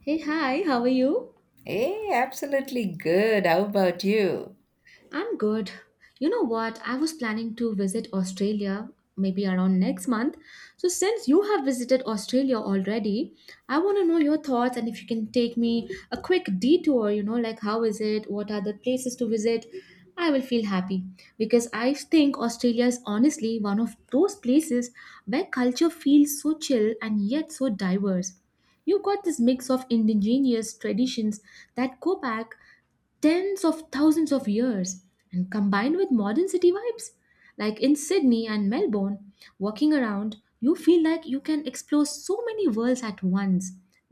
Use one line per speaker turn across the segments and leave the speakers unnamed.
Hey, hi, how are you?
Hey, absolutely good. How about you?
I'm good. You know what? I was planning to visit Australia maybe around next month. So, since you have visited Australia already, I want to know your thoughts and if you can take me a quick detour, you know, like how is it? What are the places to visit? I will feel happy because I think Australia is honestly one of those places where culture feels so chill and yet so diverse. You've got this mix of indigenous traditions that go back tens of thousands of years and combined with modern city vibes. Like in Sydney and Melbourne, walking around, you feel like you can explore so many worlds at once.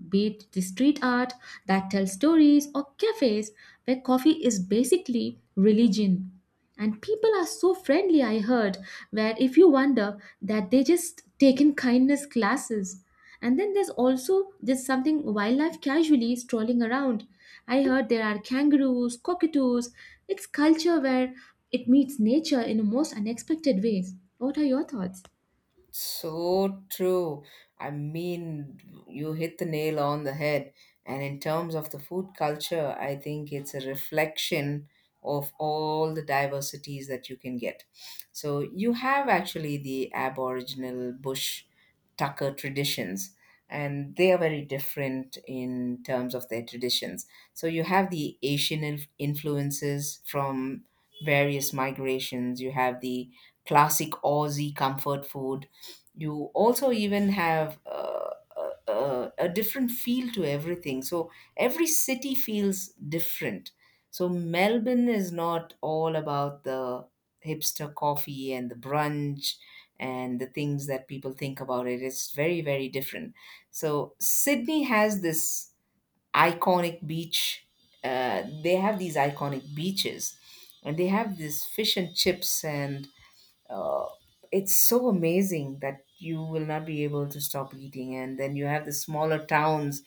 Be it the street art that tells stories or cafes where coffee is basically religion. And people are so friendly, I heard, where if you wonder that they just taken kindness classes. And then there's also just something wildlife casually strolling around. I heard there are kangaroos, cockatoos. It's culture where it meets nature in the most unexpected ways. What are your thoughts?
So true. I mean, you hit the nail on the head. And in terms of the food culture, I think it's a reflection of all the diversities that you can get. So you have actually the Aboriginal bush tucker traditions, and they are very different in terms of their traditions. So you have the Asian influences from various migrations. You have the classic Aussie comfort food. You also even have a different feel to everything, so every city feels different. So Melbourne is not all about the hipster coffee and the brunch and the things that people think about it. It's very different. So Sydney has this iconic beach. They have these iconic beaches, and they have this fish and chips, and uh, it's so amazing that you will not be able to stop eating. And then you have the smaller towns,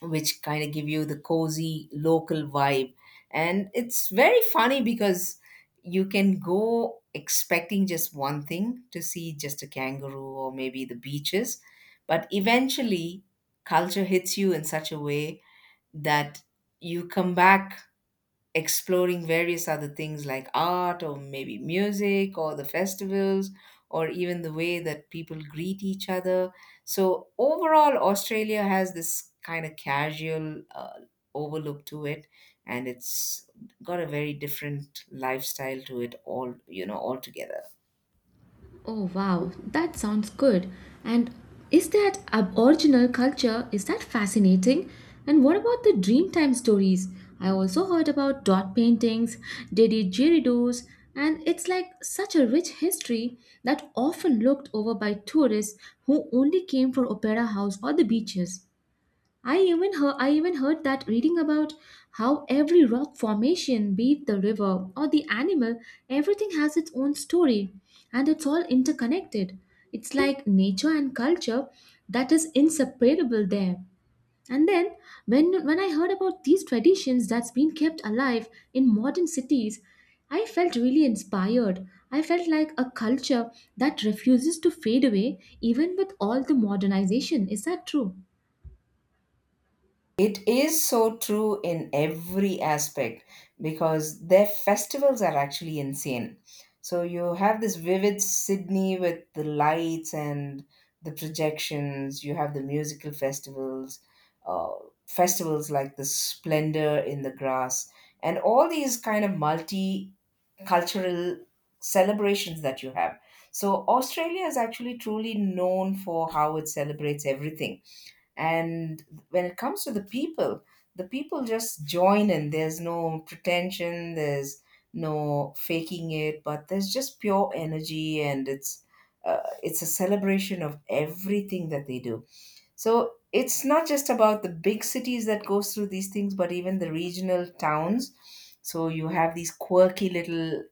which kind of give you the cozy local vibe. And it's very funny, because you can go expecting just one thing, to see just a kangaroo or maybe the beaches, but eventually culture hits you in such a way that you come back exploring various other things, like art or maybe music or the festivals, or even the way that people greet each other. So, overall, Australia has this kind of casual overlook to it, and it's got a very different lifestyle to it all, you know, altogether.
Oh wow, that sounds good. And is that aboriginal culture? Is that fascinating? And what about the Dreamtime stories? I also heard about dot paintings, didgeridoos, and it's like such a rich history that often looked over by tourists who only came for opera house or the beaches. I even heard that reading about how every rock formation, be it the river or the animal, everything has its own story and it's all interconnected. It's like nature and culture that is inseparable there. And then when I heard about these traditions that's been kept alive in modern cities, I felt really inspired. I felt like a culture that refuses to fade away even with all the modernization. Is that true?
It is so true in every aspect, because their festivals are actually insane. So you have this vivid Sydney with the lights and the projections, you have the musical festivals, uh, festivals like the Splendor in the Grass, and all these kind of multi cultural celebrations that you have. So Australia is actually truly known for how it celebrates everything. And when it comes to the people, the people just join in. There's no pretension, there's no faking it, but there's just pure energy. And it's a celebration of everything that they do. So it's not just about the big cities that goes through these things, but even the regional towns. So you have these quirky little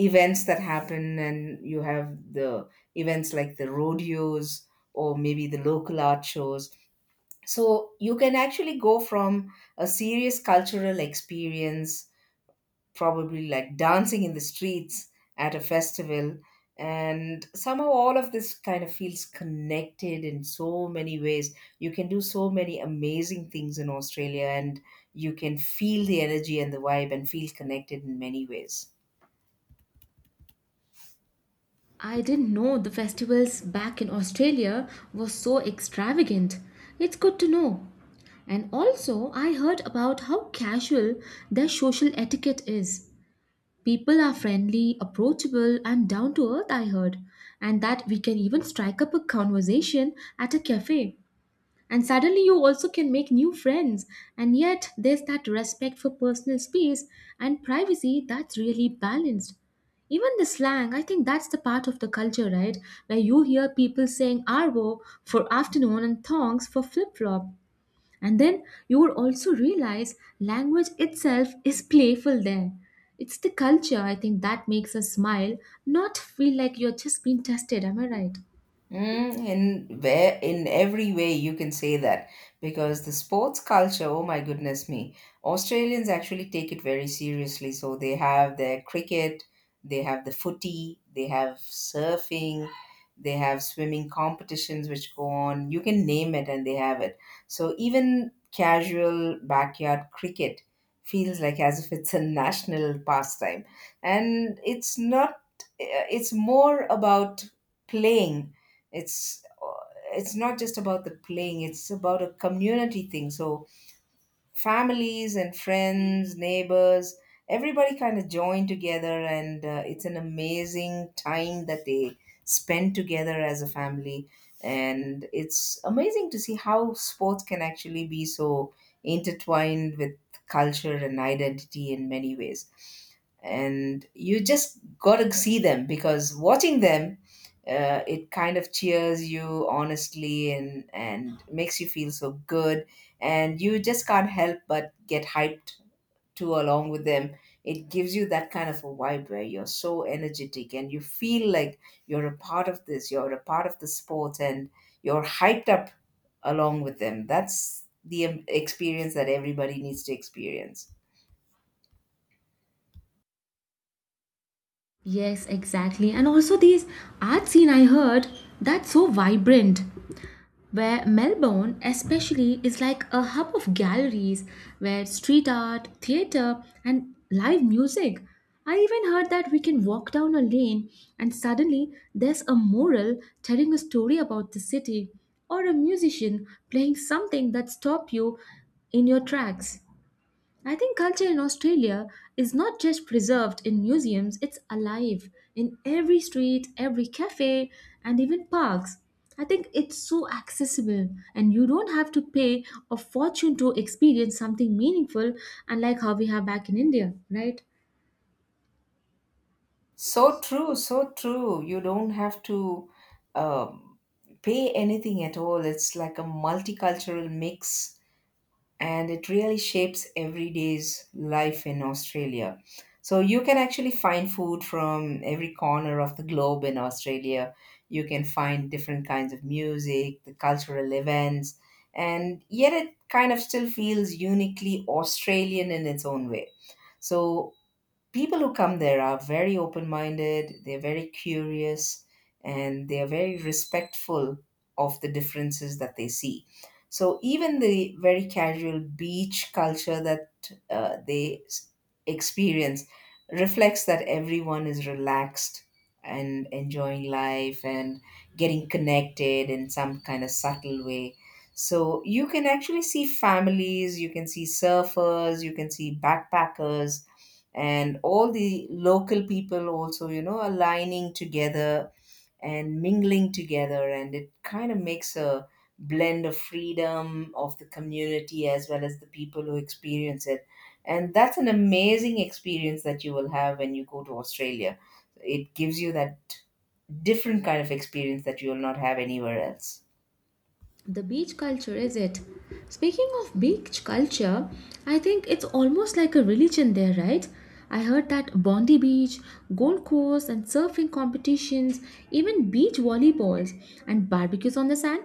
events that happen, and you have the events like the rodeos or maybe the local art shows. So you can actually go from a serious cultural experience, probably like dancing in the streets at a festival, and somehow all of this kind of feels connected in so many ways. You can do so many amazing things in Australia, and you can feel the energy and the vibe and feel connected in many ways.
I didn't know the festivals back in Australia were so extravagant. It's good to know. And also, I heard about how casual their social etiquette is. People are friendly, approachable, and down to earth, I heard. And that we can even strike up a conversation at a cafe. And suddenly you also can make new friends. And yet there's that respect for personal space and privacy that's really balanced. Even the slang, I think that's the part of the culture, right? Where you hear people saying arvo for afternoon and thongs for flip flop. And then you would also realize language itself is playful there. It's the culture, I think, that makes us smile, not feel like you're just being tested. Am I right?
Mm, in where in every way you can say that, because the sports culture, oh my goodness me, Australians actually take it very seriously. So they have their cricket, they have the footy, they have surfing, they have swimming competitions which go on. You can name it and they have it. So even casual backyard cricket feels like as if it's a national pastime, and it's not. It's more about playing. It's it's not just about the playing, it's about a community thing. So families and friends, neighbors, everybody kind of joined together, and it's an amazing time that they spend together as a family. And it's amazing to see how sports can actually be so intertwined with culture and identity in many ways. And you just got to see them, because watching them, it kind of cheers you honestly, and makes you feel so good, and you just can't help but get hyped to along with them. It gives you that kind of a vibe where you're so energetic and you feel like you're a part of this, you're a part of the sport, and you're hyped up along with them. That's the experience that everybody needs to experience.
Yes, exactly. And also these art scene I heard that's so vibrant where Melbourne especially is like a hub of galleries where street art, theater and live music. I even heard that we can walk down a lane and suddenly there's a mural telling a story about the city or a musician playing something that stop you in your tracks. I think culture in Australia is not just preserved in museums, it's alive in every street, every cafe, and even parks. I think it's so accessible, and you don't have to pay a fortune to experience something meaningful, unlike how we have back in India, right?
So true, so true. You don't have to um, pay anything at all. It's like a multicultural mix, and it really shapes everyday's life in Australia. So you can actually find food from every corner of the globe in Australia. You can find different kinds of music, the cultural events, and yet it kind of still feels uniquely Australian in its own way. So people who come there are very open minded, they're very curious, and they are very respectful of the differences that they see. So, even the very casual beach culture that they experience reflects that everyone is relaxed and enjoying life and getting connected in some kind of subtle way. So, you can actually see families, you can see surfers, you can see backpackers, and all the local people also, you know, aligning together and mingling together, and it kind of makes a blend of freedom of the community as well as the people who experience it. And that's an amazing experience that you will have when you go to Australia. It gives you that different kind of experience that you will not have anywhere else.
The beach culture, is it? Speaking of beach culture, I think it's almost like a religion there, right? I heard that Bondi Beach, Gold Coast, and surfing competitions, even beach volleyballs and barbecues on the sand.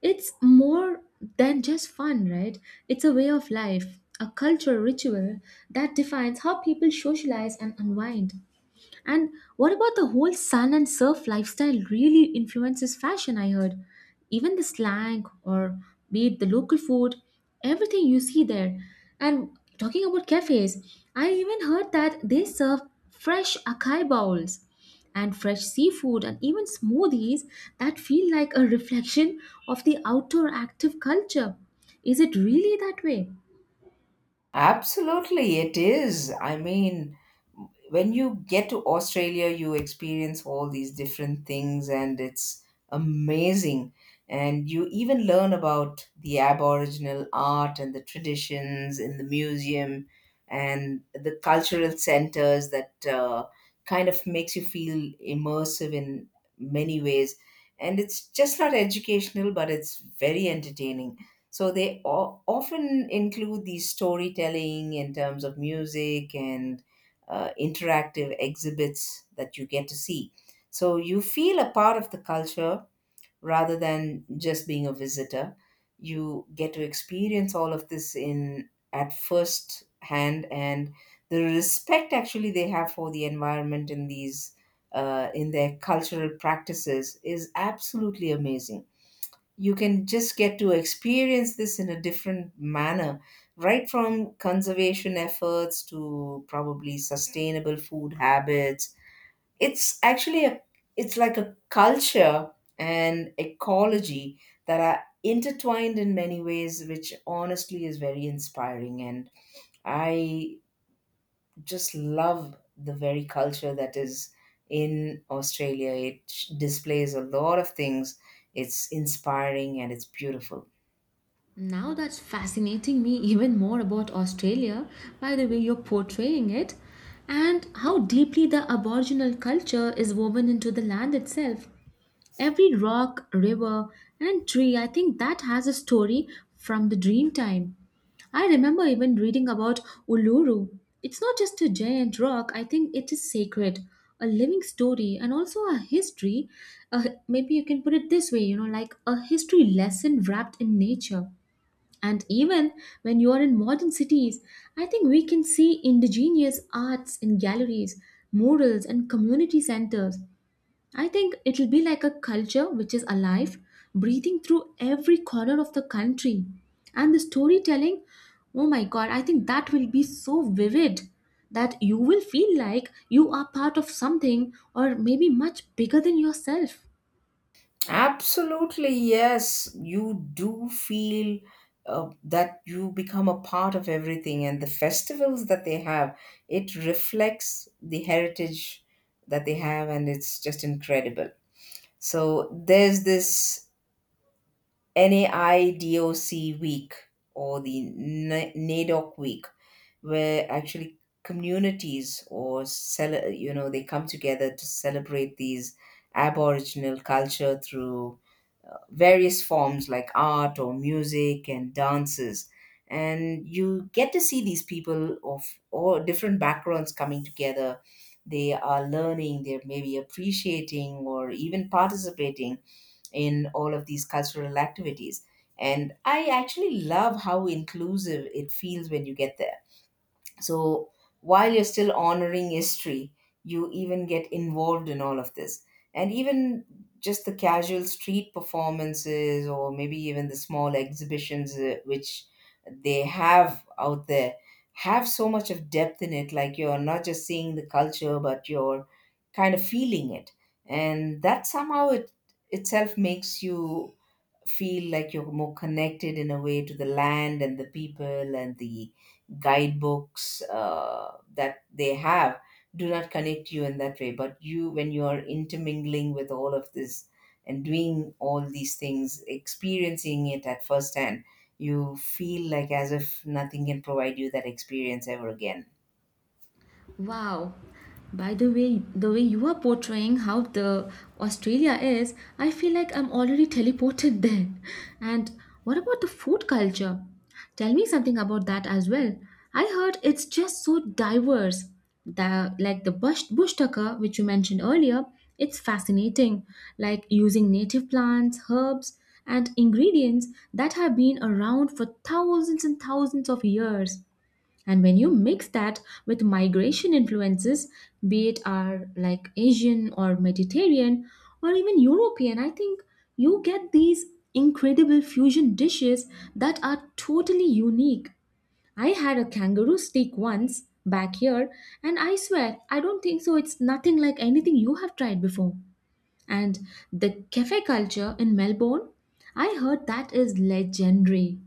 It's more than just fun, right? It's a way of life, a cultural ritual that defines how people socialize and unwind. And what about the whole sun and surf lifestyle really influences fashion? I heard. Even the slang, or be it the local food, everything you see there. And talking about cafes, I even heard that they serve fresh acai bowls and fresh seafood and even smoothies that feel like a reflection of the outdoor active culture. Is it really that way?
Absolutely, it is. I mean, when you get to Australia, you experience all these different things, and it's amazing. And you even learn about the Aboriginal art and the traditions in the museum and the cultural centers that kind of makes you feel immersive in many ways. And it's just not educational, but it's very entertaining. So they often include these storytelling in terms of music and interactive exhibits that you get to see. So you feel a part of the culture rather than just being a visitor. You get to experience all of this in at first hand, and the respect actually they have for the environment in these in their cultural practices is absolutely amazing. You can just get to experience this in a different manner, right from conservation efforts to probably sustainable food habits. It's actually a, it's like a culture and ecology that are intertwined in many ways, which honestly is very inspiring. And I just love the very culture that is in Australia. It displays a lot of things. It's inspiring and it's beautiful.
Now that's fascinating me even more about Australia by the way you're portraying it and how deeply the Aboriginal culture is woven into the land itself. Every rock, river, and tree, I think that has a story from the dream time. I remember even reading about Uluru. It's not just a giant rock, I think it is sacred, a living story, and also a history. Maybe you can put it this way you know, like a history lesson wrapped in nature. And even when you are in modern cities, I think we can see indigenous arts in galleries, murals, and community centers. I think it'll be like a culture which is alive, breathing through every corner of the country. And the storytelling, oh my god, I think that will be so vivid that you will feel like you are part of something or maybe much bigger than yourself.
Absolutely, yes. You do feel that you become a part of everything, and the festivals that they have, it reflects the heritage that they have, and it's just incredible. So, there's this NAIDOC week or the NADOC week, where actually communities or you know, they come together to celebrate these aboriginal culture through various forms like art or music and dances. And you get to see these people of all different backgrounds coming together. They are learning, they're maybe appreciating or even participating in all of these cultural activities, and I actually love how inclusive it feels when you get there. So, while you're still honoring history, you even get involved in all of this. And even just the casual street performances, or maybe even the small exhibitions which they have out there, have so much of depth in it. Like, you're not just seeing the culture, but you're kind of feeling it. And that somehow it itself makes you feel like you're more connected in a way to the land and the people. And the guidebooks that they have do not connect you in that way. But you, when you are intermingling with all of this and doing all these things, experiencing it at first hand, you feel like as if nothing can provide you that experience ever again.
Wow. By the way you are portraying how the Australia is, I feel like I'm already teleported there. And what about the food culture? Tell me something about that as well. I heard it's just so diverse. Like the bush tucker, which you mentioned earlier, it's fascinating. Like using native plants, herbs, and ingredients that have been around for thousands and thousands of years. And when you mix that with migration influences, be it are like Asian or Mediterranean or even European, I think you get these incredible fusion dishes that are totally unique. I had a kangaroo steak once back here, and I swear I don't think so. It's nothing like anything you have tried before. And the cafe culture in Melbourne, I heard that is legendary.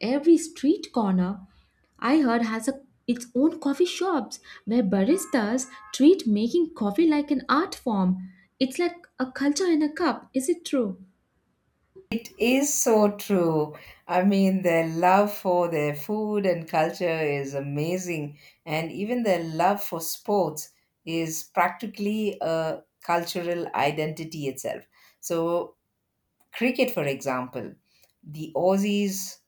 Every street corner I heard has its own coffee shops where baristas treat making coffee like an art form. It's like a culture in a cup, is it true?
It is so true. I mean, their love for their food and culture is amazing, and even their love for sports is practically a cultural identity itself. So, cricket, for example, the Aussies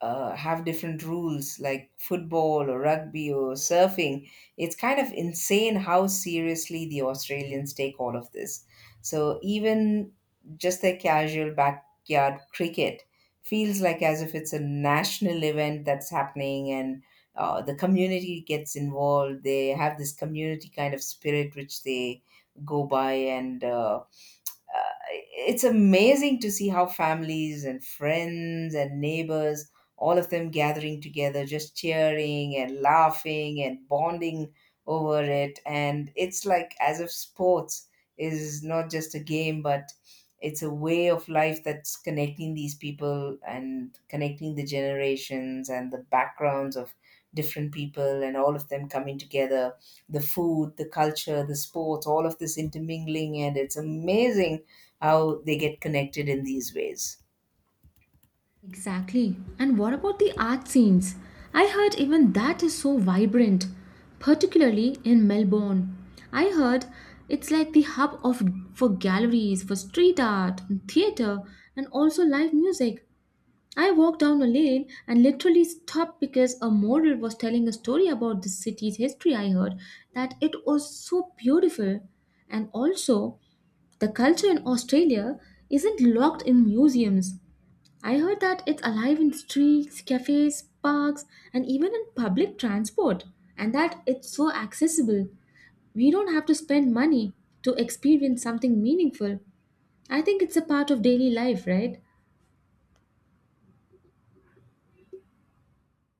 have different rules, like football or rugby or surfing. It's kind of insane how seriously the Australians take all of this. So even just their casual backyard cricket feels like as if it's a national event that's happening. And the community gets involved. They have this community kind of spirit which they go by, and uh, it's amazing to see how families and friends and neighbors, all of them gathering together, just cheering and laughing and bonding over it. And it's like as if sports is not just a game, but it's a way of life that's connecting these people and connecting the generations and the backgrounds of different people, and all of them coming together. The food, the culture, the sports, all of this intermingling, and it's amazing how they get connected in these ways.
Exactly. And what about the art scenes? I heard even that is so vibrant, particularly in Melbourne. I heard it's like the hub of for galleries, for street art, and theater, and also live music. I walked down a lane and literally stopped because a model was telling a story about the city's history. I heard that it was so beautiful. And also, the culture in Australia isn't locked in museums. I heard that it's alive in streets, cafes, parks, and even in public transport, and that it's so accessible. We don't have to spend money to experience something meaningful. I think it's a part of daily life, right?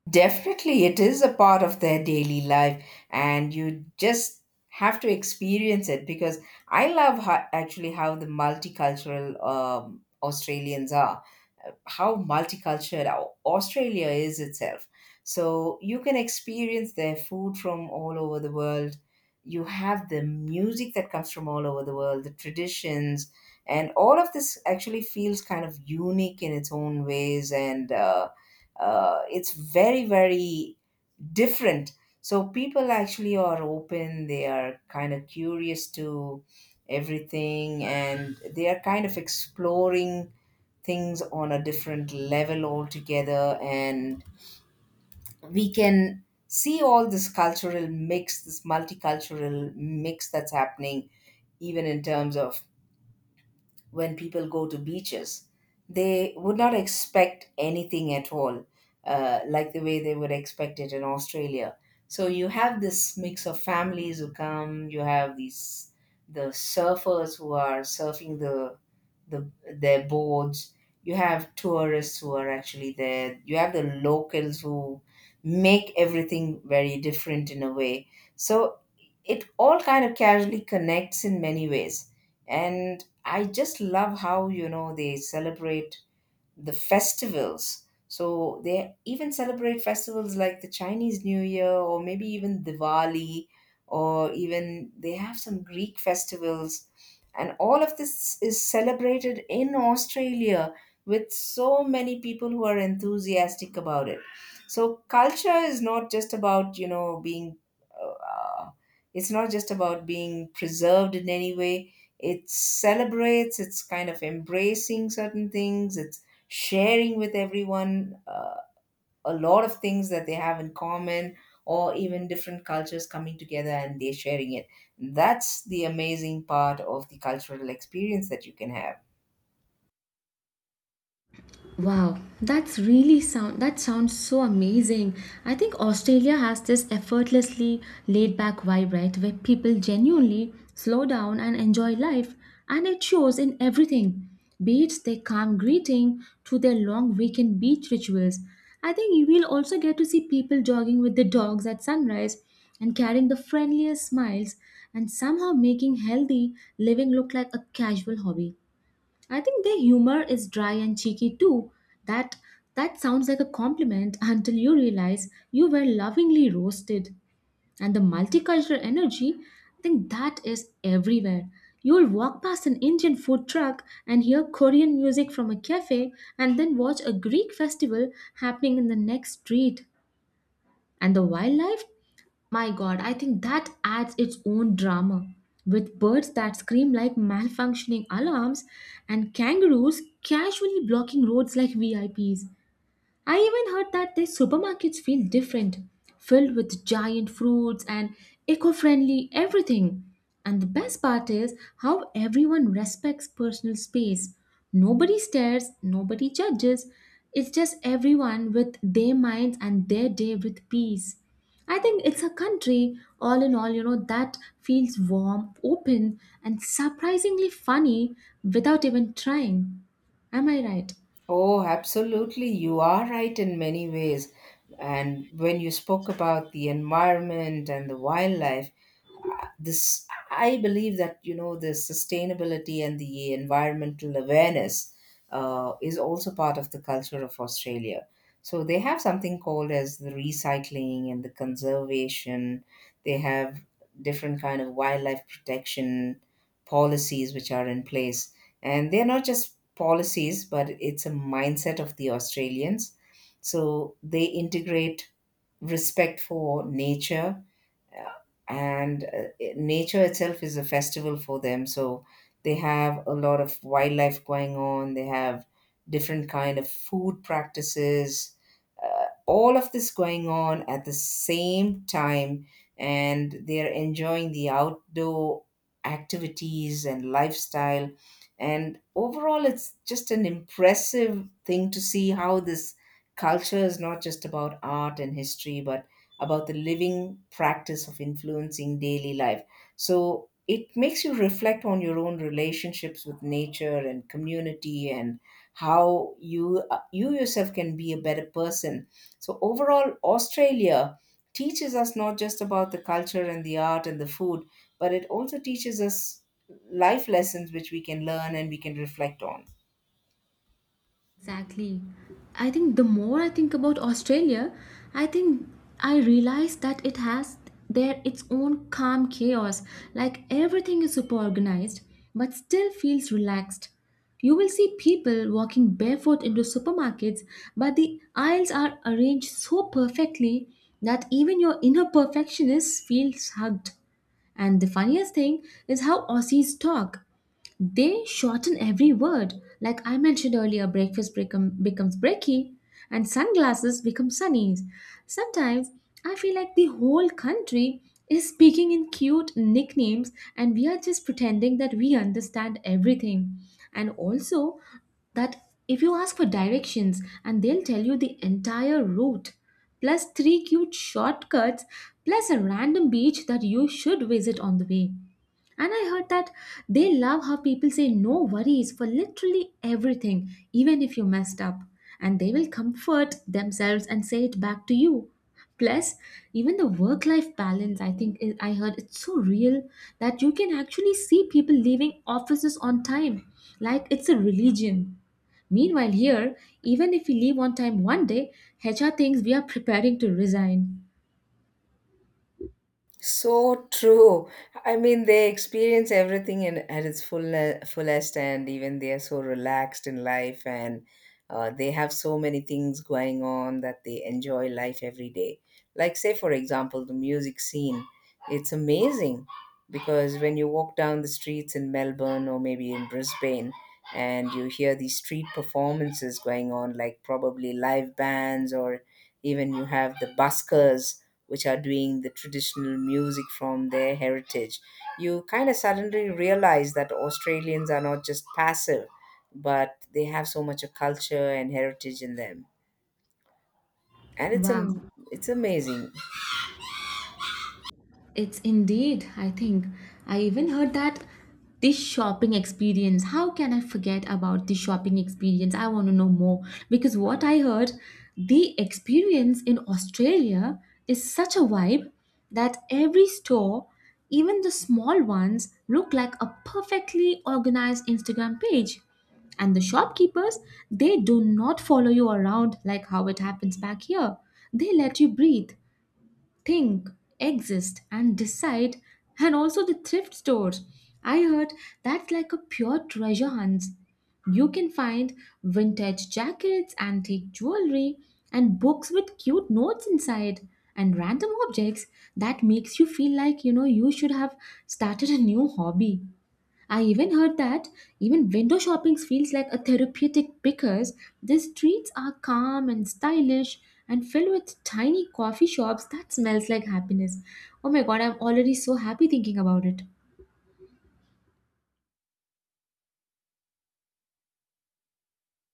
Definitely, it is a part of their daily life, and you just have to experience it, because I love how, actually how the multicultural Australians are, how multicultural Australia is itself. So you can experience their food from all over the world. You have the music that comes from all over the world, the traditions, and all of this actually feels kind of unique in its own ways and. It's very different. So people actually are open, they are kind of curious to everything, and they are kind of exploring things on a different level altogether. And we can see all this cultural mix, this multicultural mix that's happening, even in terms of when people go to beaches. They would not expect anything at all, like the way they would expect it in Australia. So you have this mix of families who come. You have the surfers who are surfing the their boards. You have tourists who are actually there. You have the locals who make everything very different in a way. So it all kind of casually connects in many ways, and I just love how they celebrate the festivals. So they even celebrate festivals like the Chinese New Year or maybe even Diwali, or even they have some Greek festivals. And all of this is celebrated in Australia with so many people who are enthusiastic about it. So culture is not just about, you know, uh, it's not just about being preserved in any way. It celebrates, it's kind of embracing certain things, it's sharing with everyone a lot of things that they have in common, or even different cultures coming together and they're sharing it. That's the amazing part of the cultural experience that you can have.
Wow, that's really sounds so amazing. I think Australia has this effortlessly laid back vibe, right? Where people genuinely slow down and enjoy life, and it shows in everything. Be it their calm greeting to their long weekend beach rituals. I think you will also get to see people jogging with the dogs at sunrise and carrying the friendliest smiles and somehow making healthy living look like a casual hobby. I think their humor is dry and cheeky too. That that sounds like a compliment until you realize you were lovingly roasted. And the multicultural energy, I think that is everywhere. You'll walk past an Indian food truck and hear Korean music from a cafe and then watch a Greek festival happening in the next street. And the wildlife my god, I think that adds its own drama. With birds that scream like malfunctioning alarms and kangaroos casually blocking roads like VIPs. I even heard that their supermarkets feel different, filled with giant fruits and eco friendly everything. And the best part is how everyone respects personal space. Nobody stares, nobody judges. It's just everyone with their minds and their day with peace. I think it's a country, all in all, you know, that feels warm, open, and surprisingly funny without even trying. Am I right?
Oh, absolutely. You are right in many ways. And when you spoke about the environment and the wildlife, this I believe that, you know, the sustainability and the environmental awareness is also part of the culture of Australia. So they have something called as the recycling and the conservation. They have different kind of wildlife protection policies which are in place, and they're not just policies but it's a mindset of the Australians. So they integrate respect for nature, and nature itself is a festival for them. So they have a lot of wildlife going on, they have different kind of food practices, all of this going on at the same time, and they are enjoying the outdoor activities and lifestyle. And overall, it's just an impressive thing to see how this culture is not just about art and history, but about the living practice of influencing daily life. So it makes you reflect on your own relationships with nature and community, and how you you yourself can be a better person. So overall, Australia teaches us not just about the culture and the art and the food, but it also teaches us life lessons which we can learn and we can reflect on.
Exactly. I think the more I think about Australia, I think I realize that it has there its own calm chaos. Like everything is super organized, but still feels relaxed. You will see people walking barefoot into supermarkets, but the aisles are arranged so perfectly that even your inner perfectionist feels hugged. And the funniest thing is how Aussies talk. They shorten every word. Like I mentioned earlier, breakfast becomes brekkie and sunglasses become sunnies. Sometimes I feel like the whole country is speaking in cute nicknames and we are just pretending that we understand everything. And also, that if you ask for directions and they'll tell you the entire route plus three cute shortcuts plus a random beach that you should visit on the way and I heard that they love how people say no worries for literally everything, even if you messed up. And they will comfort themselves and say it back to you. Plus, even the work life balance, I think I heard it's so real that you can actually see people leaving offices on time, like it's a religion. Meanwhile, here, even if we leave on time one day, HR thinks we are preparing to resign.
So true. I mean, they experience everything in, at its full, fullest, and even they are so relaxed in life, and they have so many things going on that they enjoy life every day. Like, say, for example, the music scene. It's amazing, because when you walk down the streets in Melbourne or maybe in Brisbane, and you hear these street performances going on, like probably live bands, or even you have the buskers which are doing the traditional music from their heritage. You kind of suddenly realize that Australians are not just passive, but they have so much of culture and heritage in them. And
Wow.
it's amazing.
It's indeed, I think. I even heard that this shopping experience. How can I forget about the shopping experience? I want to know more because what I heard, the experience in Australia is such a vibe that every store, even the small ones, look like a perfectly organized Instagram page. And the shopkeepers, they do not follow you around like how it happens back here. They let you breathe think, exist, and decide, and also the thrift stores. I heard that's like a pure treasure hunt. You can find vintage jackets, antique jewelry, and books with cute notes inside, and random objects that makes you feel like you know you should have started a new hobby. I even heard that even window shopping feels like a therapeutic because the streets are calm and stylish and filled with tiny coffee shops that smells like happiness. Oh my god, I'm already so happy thinking about it.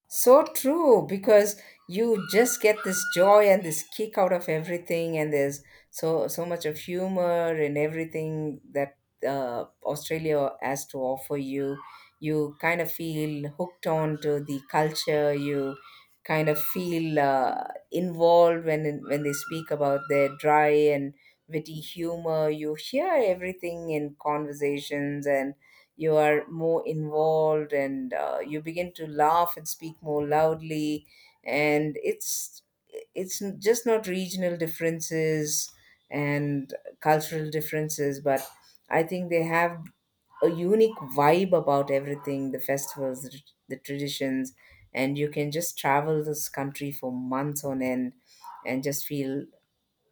So true, because you just get this joy and this kick out of everything, and there's so much of humor and everything that Australia has to offer you. You kind of feel hooked on to the culture. You kind of feel involved when they speak about their dry and witty humor. You hear everything in conversations, and you are more involved, and you begin to laugh and speak more loudly. And just not regional differences and cultural differences, but I think they have a unique vibe about everything, the festivals, the traditions. And you can just travel this country for months on end and just feel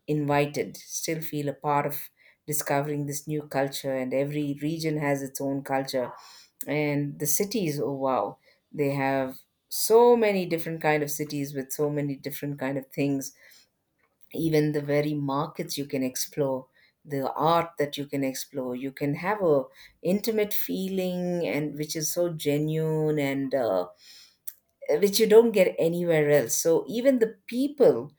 invited, still feel a part of discovering this new culture. And every region has its own culture, and the cities, oh wow, they have so many different kind of cities with so many different kind of things. Even the very markets you can explore, the art that you can explore, you can have a intimate feeling and which is so genuine, and which you don't get anywhere else. So even the people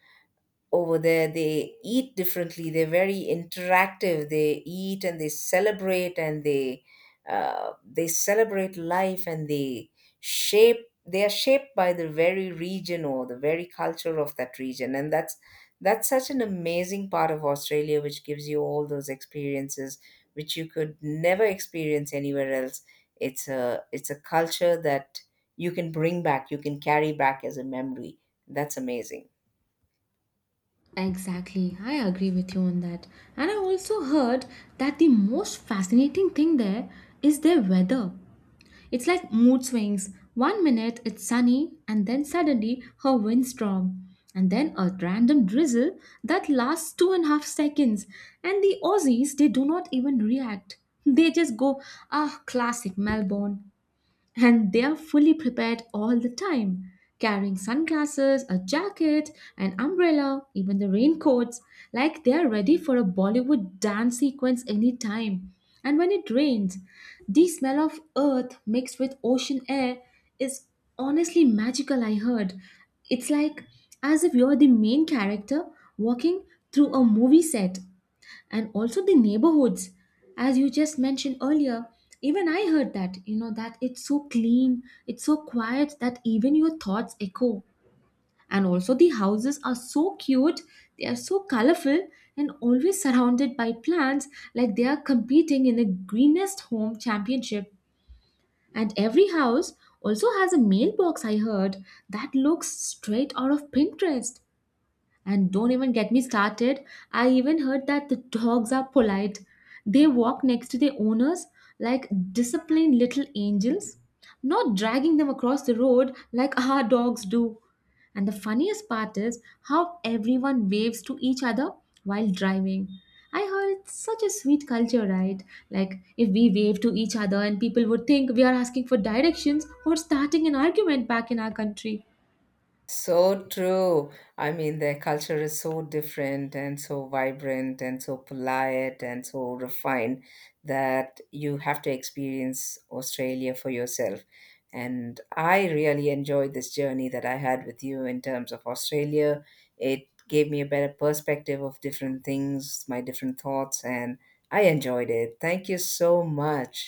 over there, they eat differently, they're very interactive, they eat and they celebrate, and they celebrate life, and shape they are shaped by the very region or the very culture of that region. And that's such an amazing part of Australia, which gives you all those experiences which you could never experience anywhere else. It's a culture that you can bring back, you can carry back as a memory. That's amazing.
Exactly, I agree with you on that. And I also heard that the most fascinating thing there is their weather. It's like mood swings. One minute it's sunny, and then suddenly a windstorm, and then a random drizzle that lasts 2.5 seconds. And the Aussies, they do not even react. They just go, ah, classic Melbourne and they are fully prepared all the time, carrying sunglasses, a jacket, an umbrella, even the raincoats, like they are ready for a Bollywood dance sequence anytime. And when it rains, the smell of earth mixed with ocean air is honestly magical. I heard it's like as if you're the main character walking through a movie set and also the neighborhoods as you just mentioned earlier even I heard that you know that it's so clean it's so quiet that even your thoughts echo. And also the houses are so cute, they are so colorful and always surrounded by plants like they are competing in a greenest home championship. And every house also has a mailbox I heard that looks straight out of Pinterest. And don't even get me started. I even heard that the dogs are polite. They walk next to their owners like disciplined little angels, not dragging them across the road like our dogs do. And the funniest part is how everyone waves to each other while driving. I heard it's such a sweet culture, right? Like, if we wave to each other and people would think we are asking for directions or starting an argument back in our country.
So true. I mean, their culture is so different and so vibrant and so polite and so refined that you have to experience Australia for yourself. And I really enjoyed this journey that I had with you in terms of Australia. It gave me a better perspective of different things, my different thoughts, and I enjoyed it. Thank you so much.